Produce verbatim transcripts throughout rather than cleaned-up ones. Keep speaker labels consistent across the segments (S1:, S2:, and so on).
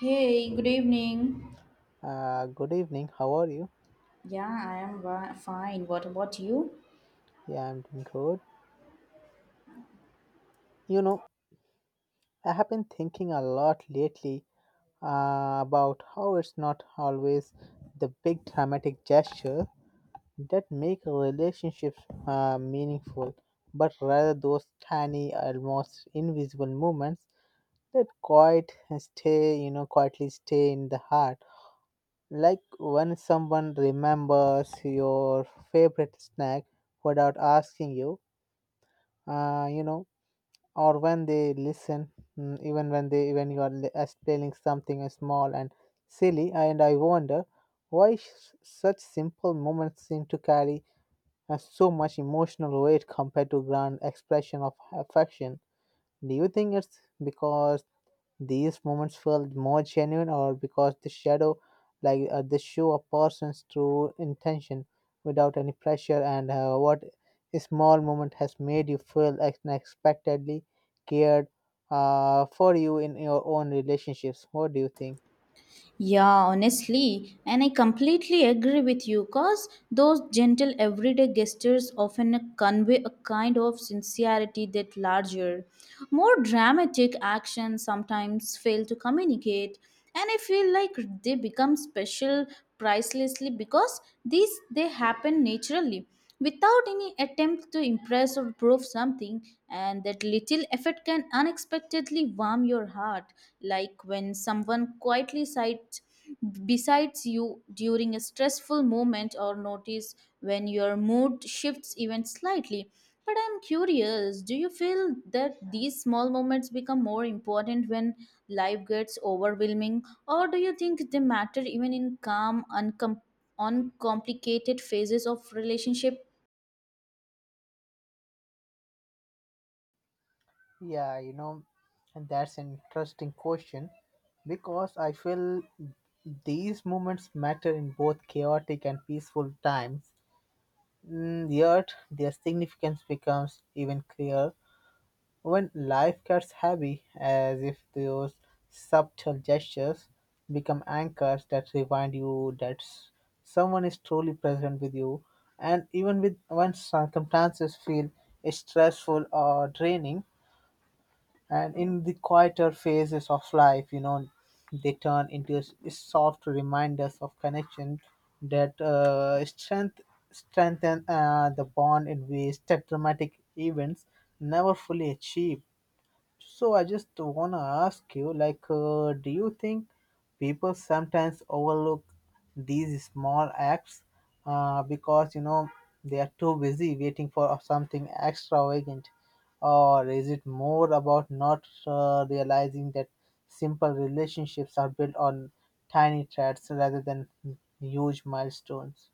S1: Hey, good evening.
S2: Uh, good evening. How are you?
S1: Yeah, I am wa- fine. What about you?
S2: Yeah, I'm doing good. You know, I have been thinking a lot lately uh, about how it's not always the big dramatic gesture that make a relationship uh, meaningful, but rather those tiny, almost invisible moments that quite stay, you know, quietly stay in the heart. Like when someone remembers your favorite snack without asking you, uh, you know or when they listen mm, even when they when you are li- explaining something small and silly, and I wonder why sh- such simple moments seem to carry uh, so much emotional weight compared to grand expression of affection. Do you think it's because these moments felt more genuine, or because the shadow, like uh, they show a person's true intention without any pressure, and uh, what a small moment has made you feel unexpectedly cared uh, for you in your own relationships. What do you think?
S1: Yeah, honestly, and I completely agree with you because those gentle everyday gestures often convey a kind of sincerity that larger, more dramatic actions sometimes fail to communicate, and I feel like they become special pricelessly because these they happen naturally without any attempt to impress or prove something, and that little effort can unexpectedly warm your heart, like when someone quietly sights besides you during a stressful moment or notice when your mood shifts even slightly. But I'm curious, do you feel that these small moments become more important when life gets overwhelming, or do you think they matter even in calm, uncom- on complicated phases of relationship?
S2: Yeah, you know, and that's an interesting question, because I feel these moments matter in both chaotic and peaceful times. Mm, yet their significance becomes even clearer when life gets heavy, as if those subtle gestures become anchors that remind you that s- someone is truly present with you. And even with when circumstances feel stressful or draining, and in the quieter phases of life, you know, they turn into s- soft reminders of connection that uh, strength strengthen uh, the bond in ways that dramatic events never fully achieve. So I just wanna ask you, like, uh, do you think people sometimes overlook these small acts uh, because you know they are too busy waiting for something extravagant, or is it more about not uh, realizing that simple relationships are built on tiny threads rather than huge milestones?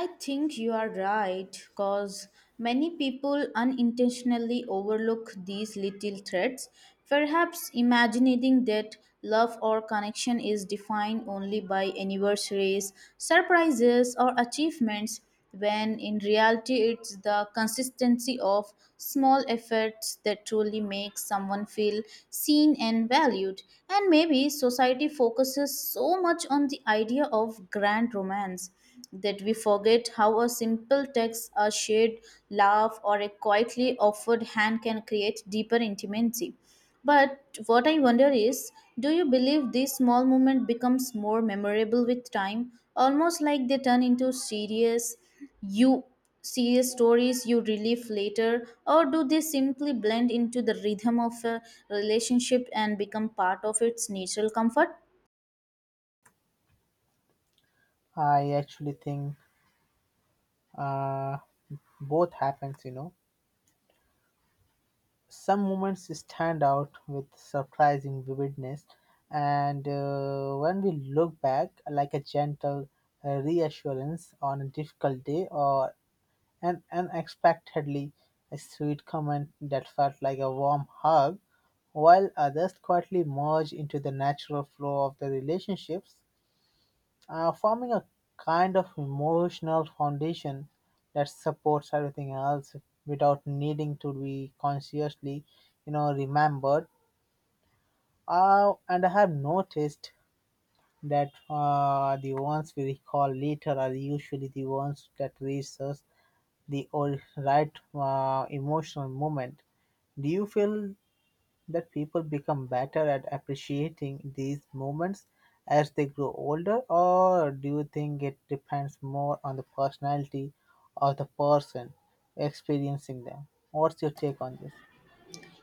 S1: I think you are right cause many people unintentionally overlook these little threats, perhaps imagining that love or connection is defined only by anniversaries, surprises, or achievements, when in reality it's the consistency of small efforts that truly makes someone feel seen and valued. And maybe society focuses so much on the idea of grand romance that we forget how a simple text, a shared laugh, or a quietly offered hand can create deeper intimacy. But what I wonder is, do you believe these small moments becomes more memorable with time, almost like they turn into serious you serious stories you relive later, or do they simply blend into the rhythm of a relationship and become part of its natural comfort?
S2: I actually think uh, both happens, you know. Some moments stand out with surprising vividness, and uh, when we look back, like a gentle uh, reassurance on a difficult day, or an unexpectedly a sweet comment that felt like a warm hug, while others quietly merge into the natural flow of the relationships, uh, forming a kind of emotional foundation that supports everything else without needing to be consciously, you know, remembered. Uh, and I have noticed that uh, the ones we recall later are usually the ones that reach us the or- right uh, emotional moment. Do you feel that people become better at appreciating these moments as they grow older, or do you think it depends more on the personality of the person experiencing them? What's your take on this?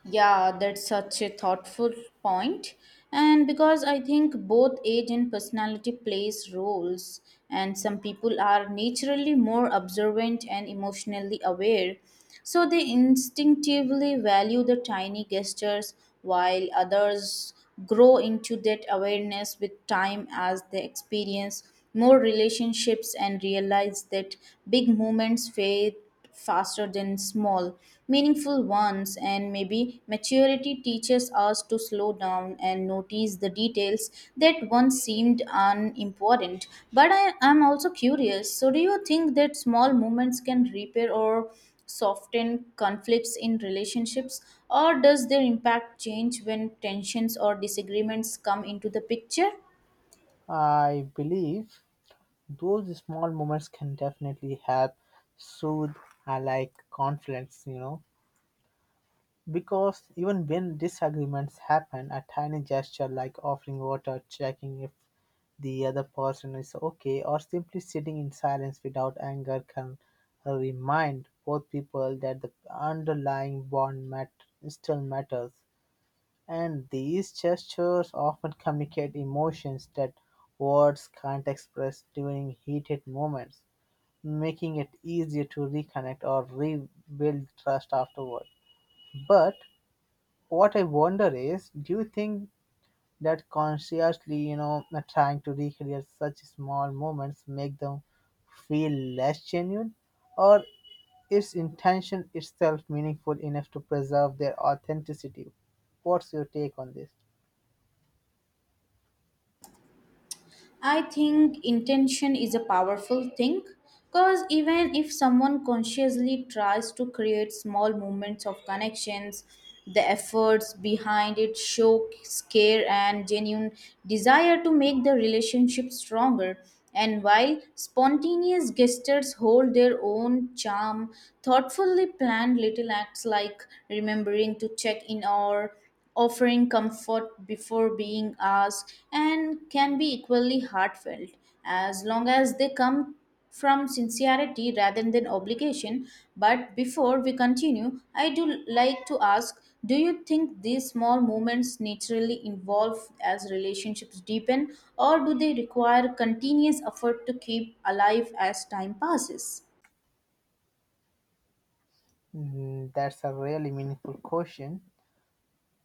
S1: Yeah, that's such a thoughtful point. And because I think both age and personality plays roles, and some people are naturally more observant and emotionally aware, so they instinctively value the tiny gestures, while others grow into that awareness with time as they experience more relationships and realize that big moments fade faster than small, meaningful ones, and maybe maturity teaches us to slow down and notice the details that once seemed unimportant. But I am also curious, so do you think that small moments can repair or soften conflicts in relationships, or does their impact change when tensions or disagreements come into the picture?
S2: I believe those small moments can definitely help soothe uh, like conflicts, you know, because even when disagreements happen, a tiny gesture like offering water, checking if the other person is okay, or simply sitting in silence without anger can remind both people that the underlying bond mat- still matters. And these gestures often communicate emotions that words can't express during heated moments, making it easier to reconnect or rebuild trust afterward. But what I wonder is, do you think that consciously, you know, uh, trying to recreate such small moments make them feel less genuine, or is intention itself meaningful enough to preserve their authenticity? What's your take on this?
S1: I think intention is a powerful thing because even if someone consciously tries to create small moments of connections, the efforts behind it show care and genuine desire to make the relationship stronger. And while spontaneous gestures hold their own charm, thoughtfully planned little acts like remembering to check in or offering comfort before being asked and can be equally heartfelt as long as they come from sincerity rather than obligation. But before we continue, I do like to ask, do you think these small moments naturally involve as relationships deepen, or do they require continuous effort to keep alive as time passes?
S2: Mm, that's a really meaningful question,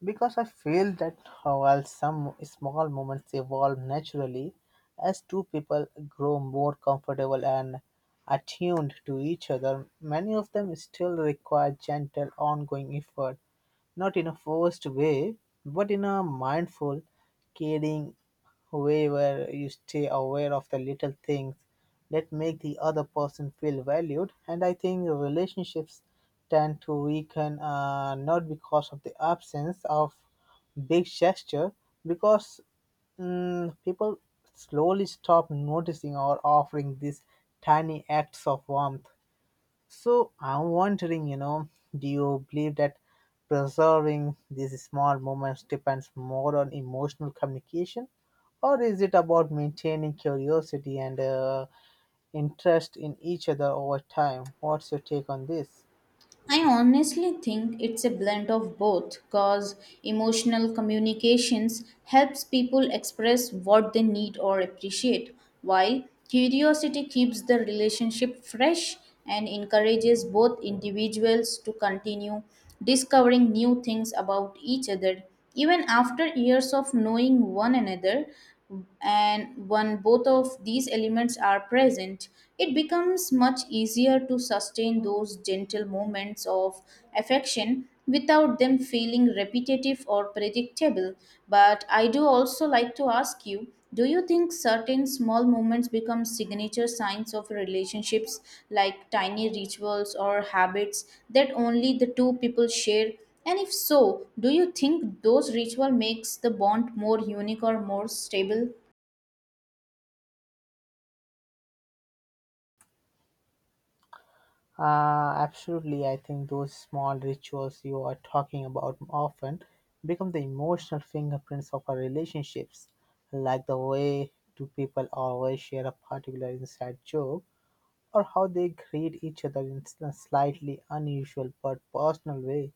S2: because I feel that while some small moments evolve naturally, as two people grow more comfortable and attuned to each other, many of them still require gentle, ongoing effort, not in a forced way, but in a mindful, caring way, where you stay aware of the little things that make the other person feel valued. And I think relationships tend to weaken uh, not because of the absence of big gesture, because mm, people slowly stop noticing or offering these tiny acts of warmth. So I'm wondering, you know, do you believe that preserving these small moments depends more on emotional communication, or is it about maintaining curiosity and uh, interest in each other over time? What's your take on this?
S1: I honestly think it's a blend of both because emotional communications helps people express what they need or appreciate, while curiosity keeps the relationship fresh and encourages both individuals to continue discovering new things about each other even after years of knowing one another. And when both of these elements are present, it becomes much easier to sustain those gentle moments of affection without them feeling repetitive or predictable. But I do also like to ask you, do you think certain small moments become signature signs of relationships, like tiny rituals or habits that only the two people share, and if so, do you think those ritual makes the bond more unique or more stable?
S2: Uh, absolutely, I think those small rituals you are talking about often become the emotional fingerprints of our relationships, like the way two people always share a particular inside joke, or how they greet each other in a slightly unusual but personal way,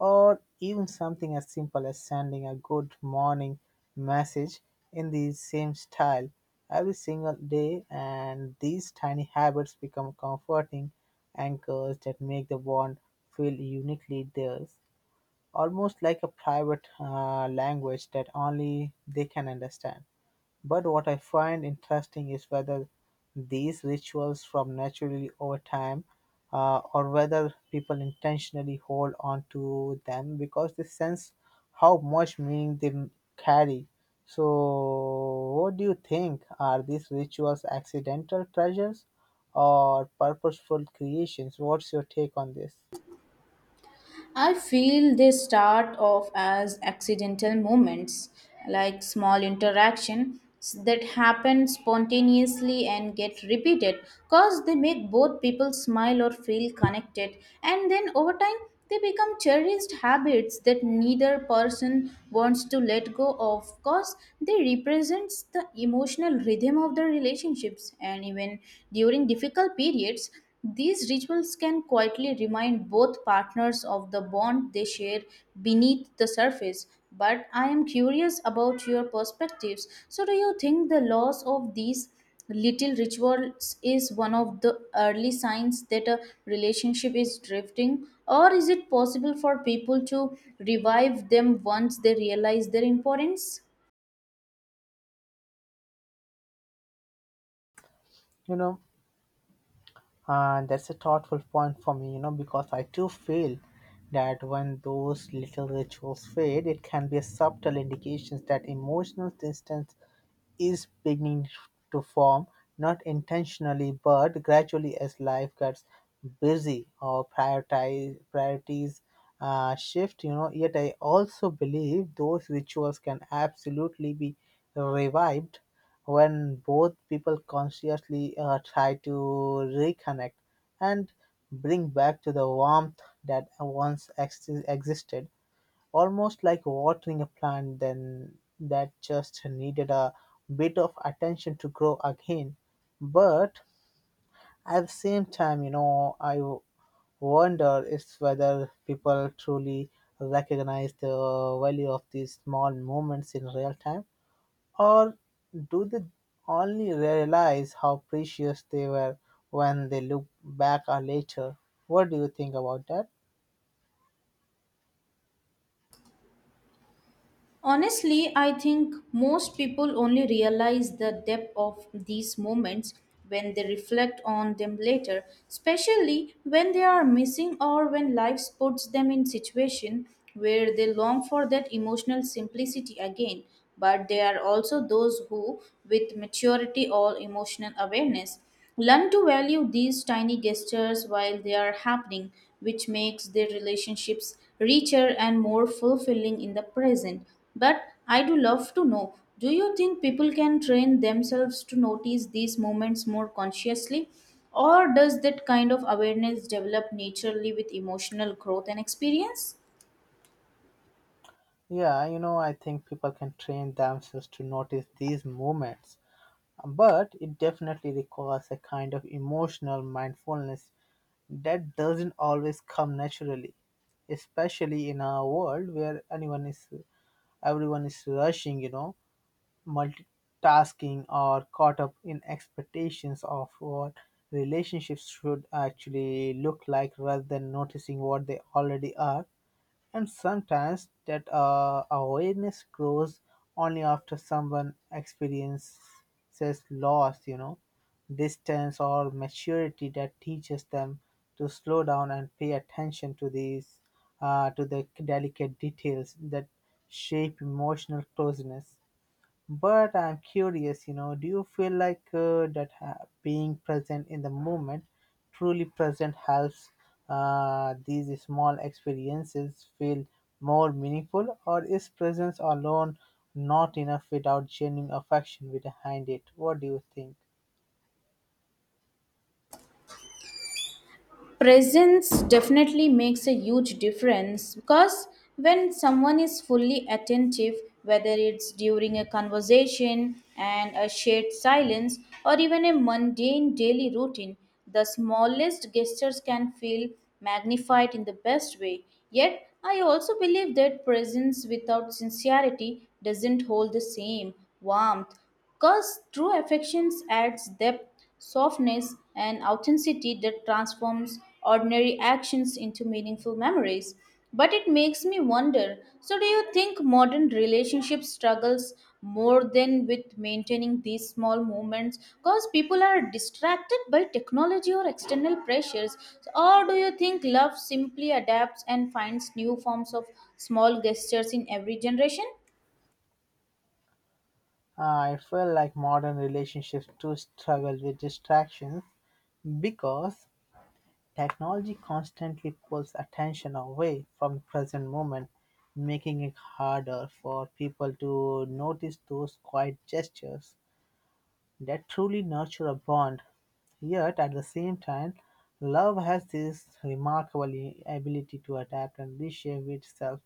S2: or even something as simple as sending a good morning message in the same style every single day. And these tiny habits become comforting anchors that make the bond feel uniquely theirs, almost like a private uh, language that only they can understand. But what I find interesting is whether these rituals form naturally over time, uh, or whether people intentionally hold on to them because they sense how much meaning they m- carry. So, what do you think? Are these rituals accidental treasures or purposeful creations? What's your take on this?
S1: I feel they start off as accidental moments, like small interactions that happen spontaneously and get repeated because they make both people smile or feel connected. And then over time, they become cherished habits that neither person wants to let go of because they represents the emotional rhythm of their relationships, and even during difficult periods these rituals can quietly remind both partners of the bond they share beneath the surface. But I am curious about your perspectives. So, do you think the loss of these little rituals is one of the early signs that a relationship is drifting? Or is it possible for people to revive them once they realize their importance?
S2: You know, and that's a thoughtful point for me, you know, because I too feel that when those little rituals fade, it can be a subtle indications that emotional distance is beginning to form, not intentionally but gradually as life gets busy or prioritize, priorities uh, shift. You know, yet I also believe those rituals can absolutely be revived when both people consciously uh, try to reconnect and bring back to the warmth that once ex- existed, almost like watering a plant then that just needed a bit of attention to grow again. But at the same time, you know, I w- wonder is whether people truly recognize the value of these small moments in real time, or do they only realize how precious they were when they look back or later? What do you think about that?
S1: Honestly, I think most people only realize the depth of these moments when they reflect on them later, especially when they are missing or when life puts them in situation where they long for that emotional simplicity again. But they are also those who, with maturity or emotional awareness, learn to value these tiny gestures while they are happening, which makes their relationships richer and more fulfilling in the present. But I do love to know, do you think people can train themselves to notice these moments more consciously? Or does that kind of awareness develop naturally with emotional growth and experience?
S2: Yeah, you know, I think people can train themselves to notice these moments, but it definitely requires a kind of emotional mindfulness that doesn't always come naturally, especially in a world where anyone is everyone is rushing, you know, multitasking, or caught up in expectations of what relationships should actually look like rather than noticing what they already are. And sometimes that uh, awareness grows only after someone experiences loss, you know, distance, or maturity that teaches them to slow down and pay attention to these, uh, to the delicate details that shape emotional closeness. But I'm curious, you know, do you feel like uh, that ha- being present in the moment, truly present, helps uh, these small experiences feel more meaningful, or is presence alone not enough without genuine affection behind it? What do you think?
S1: Presence definitely makes a huge difference because when someone is fully attentive, whether it's during a conversation and a shared silence or even a mundane daily routine, the smallest gestures can feel magnified in the best way. Yet, I also believe that presence without sincerity doesn't hold the same warmth because true affections adds depth, softness, and authenticity that transforms ordinary actions into meaningful memories. But it makes me wonder. So, do you think modern relationship struggles more than with maintaining these small moments? Because people are distracted by technology or external pressures. Or do you think love simply adapts and finds new forms of small gestures in every generation?
S2: I feel like modern relationships too struggle with distractions because technology constantly pulls attention away from the present moment, making it harder for people to notice those quiet gestures that truly nurture a bond. Yet, at the same time, love has this remarkable ability to adapt and reshape itself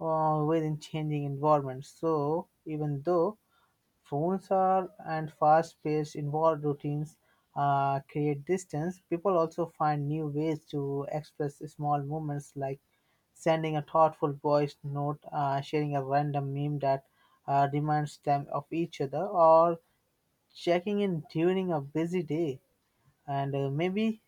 S2: uh, within changing environments. So, even though phones are and fast-paced involved routines uh, create distance, people also find new ways to express small moments, like sending a thoughtful voice note, uh, sharing a random meme that uh, reminds them of each other, or checking in during a busy day. And uh, maybe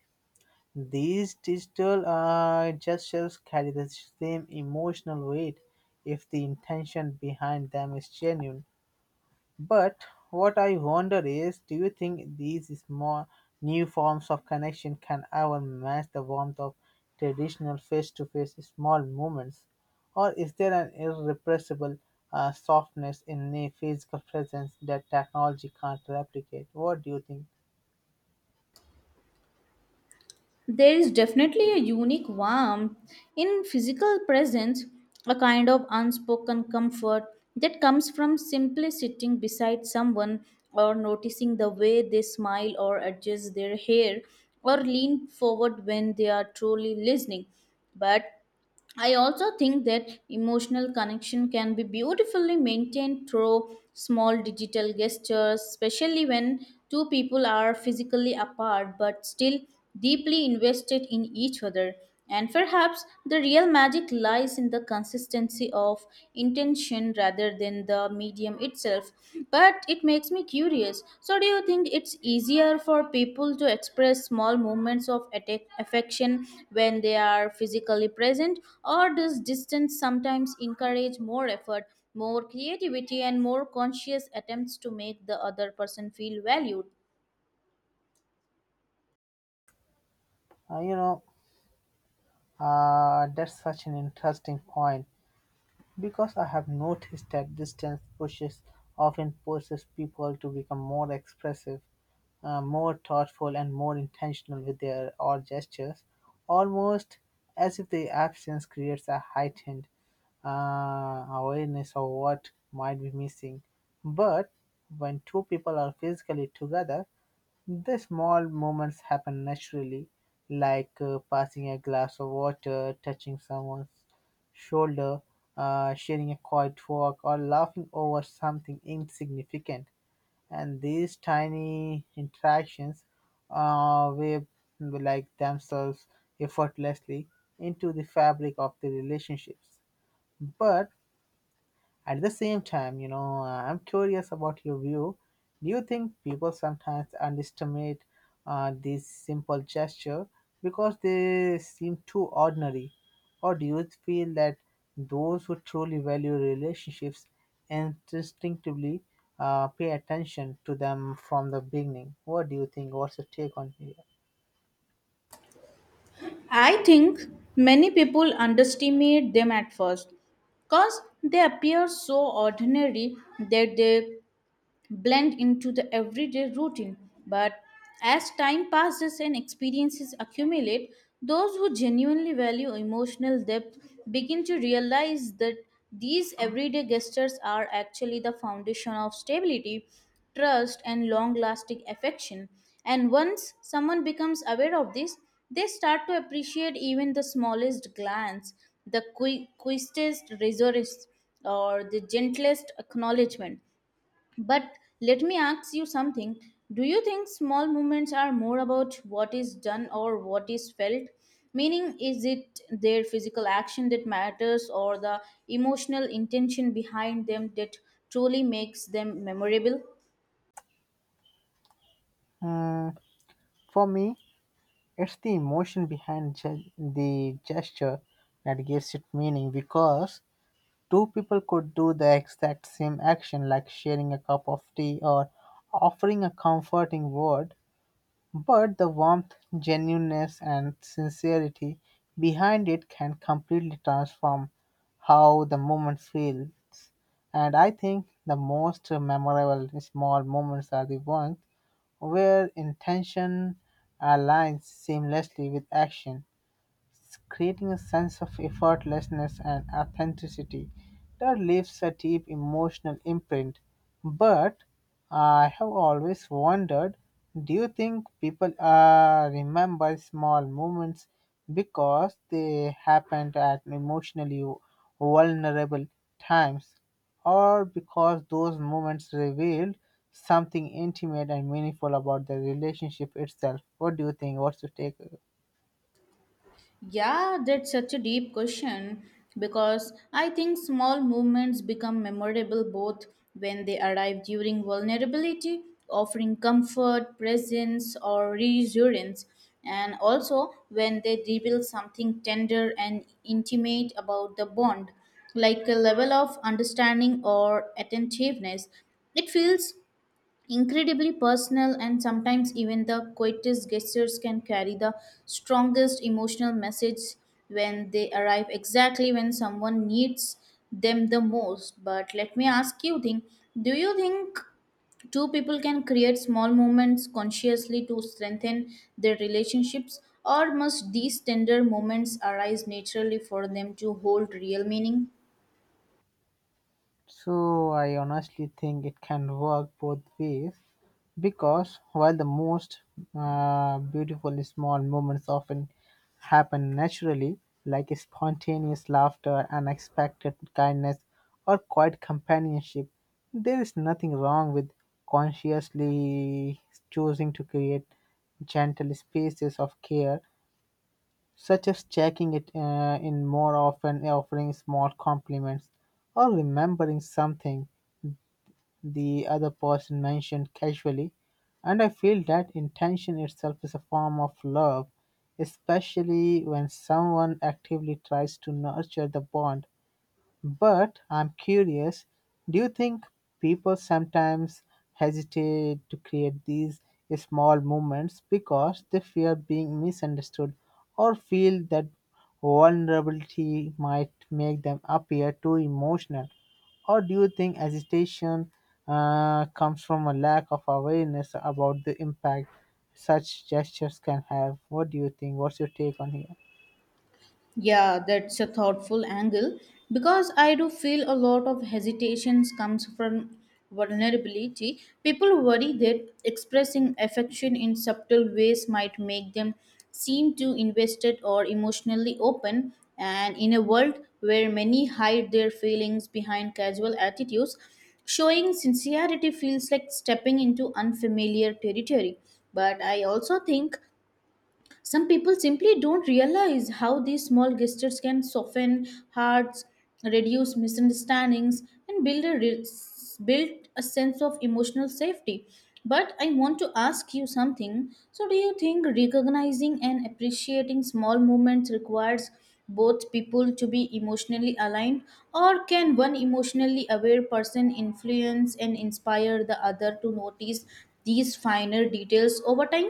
S2: these digital uh, gestures carry the same emotional weight if the intention behind them is genuine. But what I wonder is, do you think these small new forms of connection can ever match the warmth of traditional face-to-face small moments, or is there an irrepressible uh, softness in the physical presence that technology can't replicate? What do you think?
S1: There is definitely a unique warmth in physical presence, a kind of unspoken comfort that comes from simply sitting beside someone or noticing the way they smile or adjust their hair or lean forward when they are truly listening. But I also think that emotional connection can be beautifully maintained through small digital gestures, especially when two people are physically apart but still deeply invested in each other. And perhaps the real magic lies in the consistency of intention rather than the medium itself. But it makes me curious, so do you think it's easier for people to express small moments of atta- affection when they are physically present, or does distance sometimes encourage more effort, more creativity, and more conscious attempts to make the other person feel valued?
S2: Uh, you know, uh, that's such an interesting point, because I have noticed that distance pushes often pushes people to become more expressive, uh, more thoughtful and more intentional with their odd gestures, almost as if the absence creates a heightened uh, awareness of what might be missing. But when two people are physically together, the small moments happen naturally, like uh, passing a glass of water, touching someone's shoulder, uh, sharing a quiet walk, or laughing over something insignificant. And these tiny interactions uh, weave like themselves effortlessly into the fabric of the relationships. But at the same time, you know, uh, I'm curious about your view. Do you think people sometimes underestimate uh, these simple gesture because they seem too ordinary? Or do you feel that those who truly value relationships instinctively uh, pay attention to them from the beginning? What do you think? What's your take on here?
S1: I think many people underestimate them at first because they appear so ordinary that they blend into the everyday routine. But as time passes and experiences accumulate, those who genuinely value emotional depth begin to realize that these everyday gestures are actually the foundation of stability, trust, and long lasting affection. And once someone becomes aware of this, they start to appreciate even the smallest glance, the qui- quickest resource, or the gentlest acknowledgement. But let me ask you something. Do you think small movements are more about what is done or what is felt? Meaning, is it their physical action that matters, or the emotional intention behind them that truly makes them memorable?
S2: Mm, for me, it's the emotion behind ge- the gesture that gives it meaning, because two people could do the exact same action, like sharing a cup of tea or offering a comforting word, but the warmth, genuineness, and sincerity behind it can completely transform how the moment feels. And I think the most memorable small moments are the ones where intention aligns seamlessly with action, creating a sense of effortlessness and authenticity that leaves a deep emotional imprint. But I have always wondered, do you think people uh, remember small moments because they happened at emotionally vulnerable times, or because those moments revealed something intimate and meaningful about the relationship itself? What do you think? What's your take?
S1: Yeah, that's such a deep question because I think small movements become memorable both when they arrive during vulnerability, offering comfort, presence, or reassurance, and also when they reveal something tender and intimate about the bond, like a level of understanding or attentiveness. It feels incredibly personal, and sometimes even the quietest gestures can carry the strongest emotional message when they arrive exactly when someone needs them the most. But let me ask you, thing, do you think two people can create small moments consciously to strengthen their relationships, or must these tender moments arise naturally for them to hold real meaning?
S2: So I honestly think it can work both ways because while the most uh, beautiful small moments often happen naturally, like spontaneous laughter, unexpected kindness, or quiet companionship, there is nothing wrong with consciously choosing to create gentle spaces of care, such as checking it uh, in more often, offering small compliments, or remembering something the other person mentioned casually, and I feel that intention itself is a form of love, especially when someone actively tries to nurture the bond. But I'm curious, do you think people sometimes hesitate to create these small movements because they fear being misunderstood or feel that vulnerability might make them appear too emotional? Or do you think hesitation uh, comes from a lack of awareness about the impact such gestures can have? What do you think? What's your take on here?
S1: Yeah, that's a thoughtful angle because I do feel a lot of hesitations comes from vulnerability. People worry that expressing affection in subtle ways might make them seem too invested or emotionally open. And in a world where many hide their feelings behind casual attitudes, showing sincerity feels like stepping into unfamiliar territory. But I also think some people simply don't realize how these small gestures can soften hearts, reduce misunderstandings, and build a re- build a sense of emotional safety. But I want to ask you something. So, do you think recognizing and appreciating small moments requires both people to be emotionally aligned, or can one emotionally aware person influence and inspire the other to notice these finer details over time?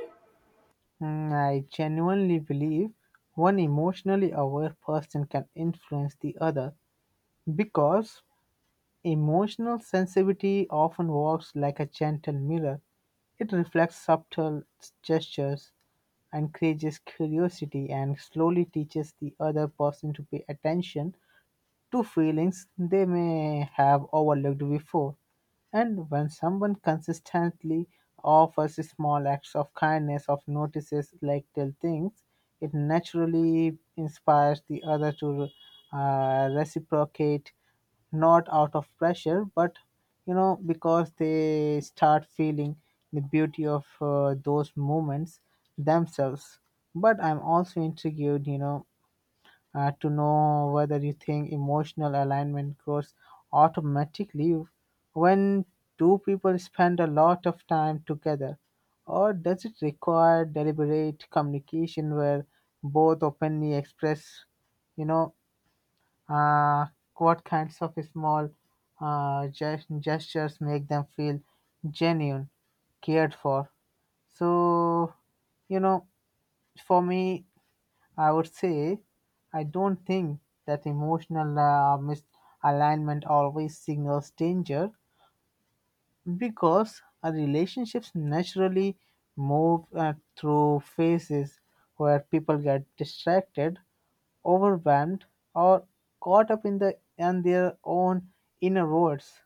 S2: Mm, I genuinely believe one emotionally aware person can influence the other because emotional sensitivity often works like a gentle mirror. It reflects subtle gestures, encourages curiosity, and slowly teaches the other person to pay attention to feelings they may have overlooked before. And when someone consistently offers small acts of kindness or notices like little things, it naturally inspires the other to uh, reciprocate, not out of pressure, but you know, because they start feeling the beauty of uh, those moments themselves. But I'm also intrigued, you know, uh, to know whether you think emotional alignment grows automatically when two people spend a lot of time together? Or does it require deliberate communication where both openly express, you know, uh, what kinds of small uh, gest- gestures make them feel genuine, cared for? So, you know, for me, I would say I don't think that emotional uh, misalignment always signals danger because our relationships naturally move uh, through phases where people get distracted, overwhelmed, or caught up in the in their own inner worlds,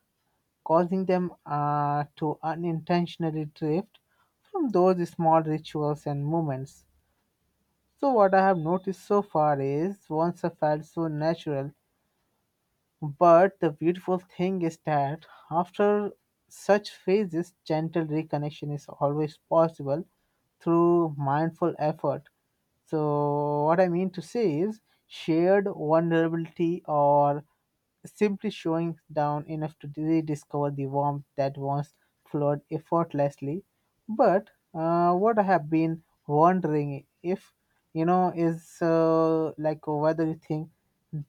S2: causing them uh, to unintentionally drift from those small rituals and moments. So, what I have noticed so far is once I felt so natural, but the beautiful thing is that after such phases, gentle reconnection is always possible through mindful effort. So, what I mean to say is shared vulnerability or simply showing down enough to rediscover the warmth that once flowed effortlessly. But uh, what I have been wondering if you know is uh, like whether you think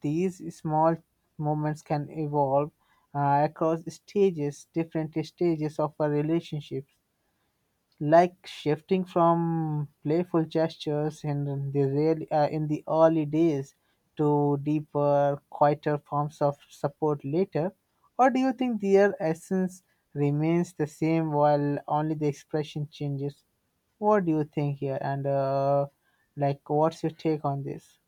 S2: these small moments can evolve uh, across stages, different stages of a relationship, like shifting from playful gestures in the real, uh, in the early days to deeper, quieter forms of support later, or do you think their essence remains the same while only the expression changes? What do you think here? And uh, like, what's your take on this?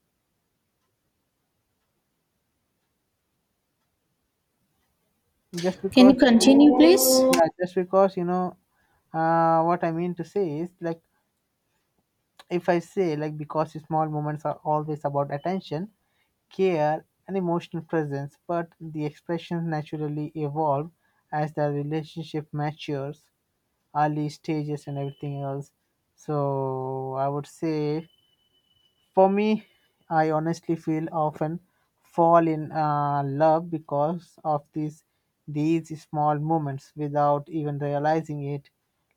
S2: Just
S1: Can
S2: because,
S1: you continue, please?
S2: yeah, just because you know, uh, what I mean to say is like, if I say, like, because small moments are always about attention, care, and emotional presence, but the expressions naturally evolve as the relationship matures, early stages, and everything else. So I would say for me, I honestly feel often fall in uh, love because of these these small moments without even realizing it.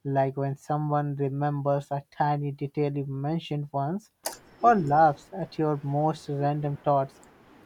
S2: Like when someone remembers a tiny detail you mentioned once, or laughs at your most random thoughts,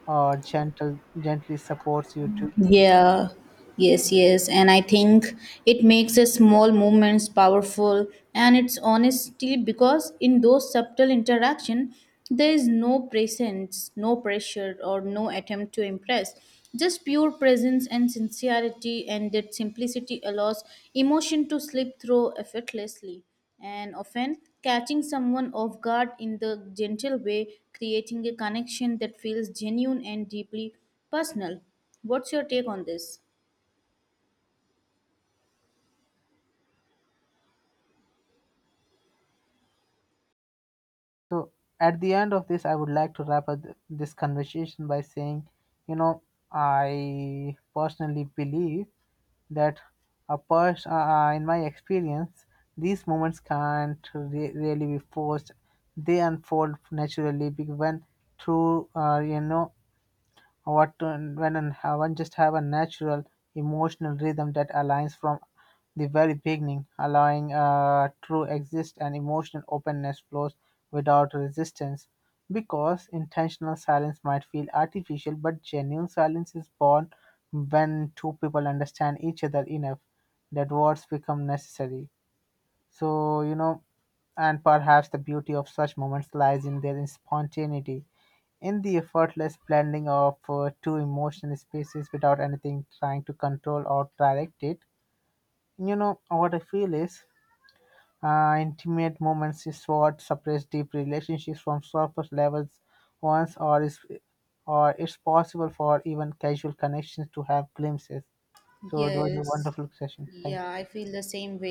S2: or gentle gently supports you.
S1: Yeah, yes, yes. And I think it makes a small movements powerful, and it's honestly because in those subtle interaction there is no presence, no pressure, or no attempt to impress. Just pure presence and sincerity, and that simplicity allows emotion to slip through effortlessly and often catching someone off guard in the gentle way, creating a connection that feels genuine and deeply personal. What's your take on this?
S2: So at the end of this, I would like to wrap up th- this conversation by saying, you know, I personally believe that a person, uh, uh, in my experience, these moments can't re- really be forced. They unfold naturally because when through, uh, you know, what when and one just have a natural emotional rhythm that aligns from the very beginning, allowing uh, true exist and emotional openness flows without resistance. Because intentional silence might feel artificial, but genuine silence is born when two people understand each other enough that words become necessary. So, you know, and perhaps the beauty of such moments lies in their spontaneity, in the effortless blending of uh, two emotional spaces without anything trying to control or direct it. You know, what I feel is uh, intimate moments is what separates deep relationships from surface levels once, or is, or it's possible for even casual connections to have glimpses. So it was a
S1: Yes.
S2: wonderful session. Thank
S1: Yeah,
S2: you.
S1: I feel the same way.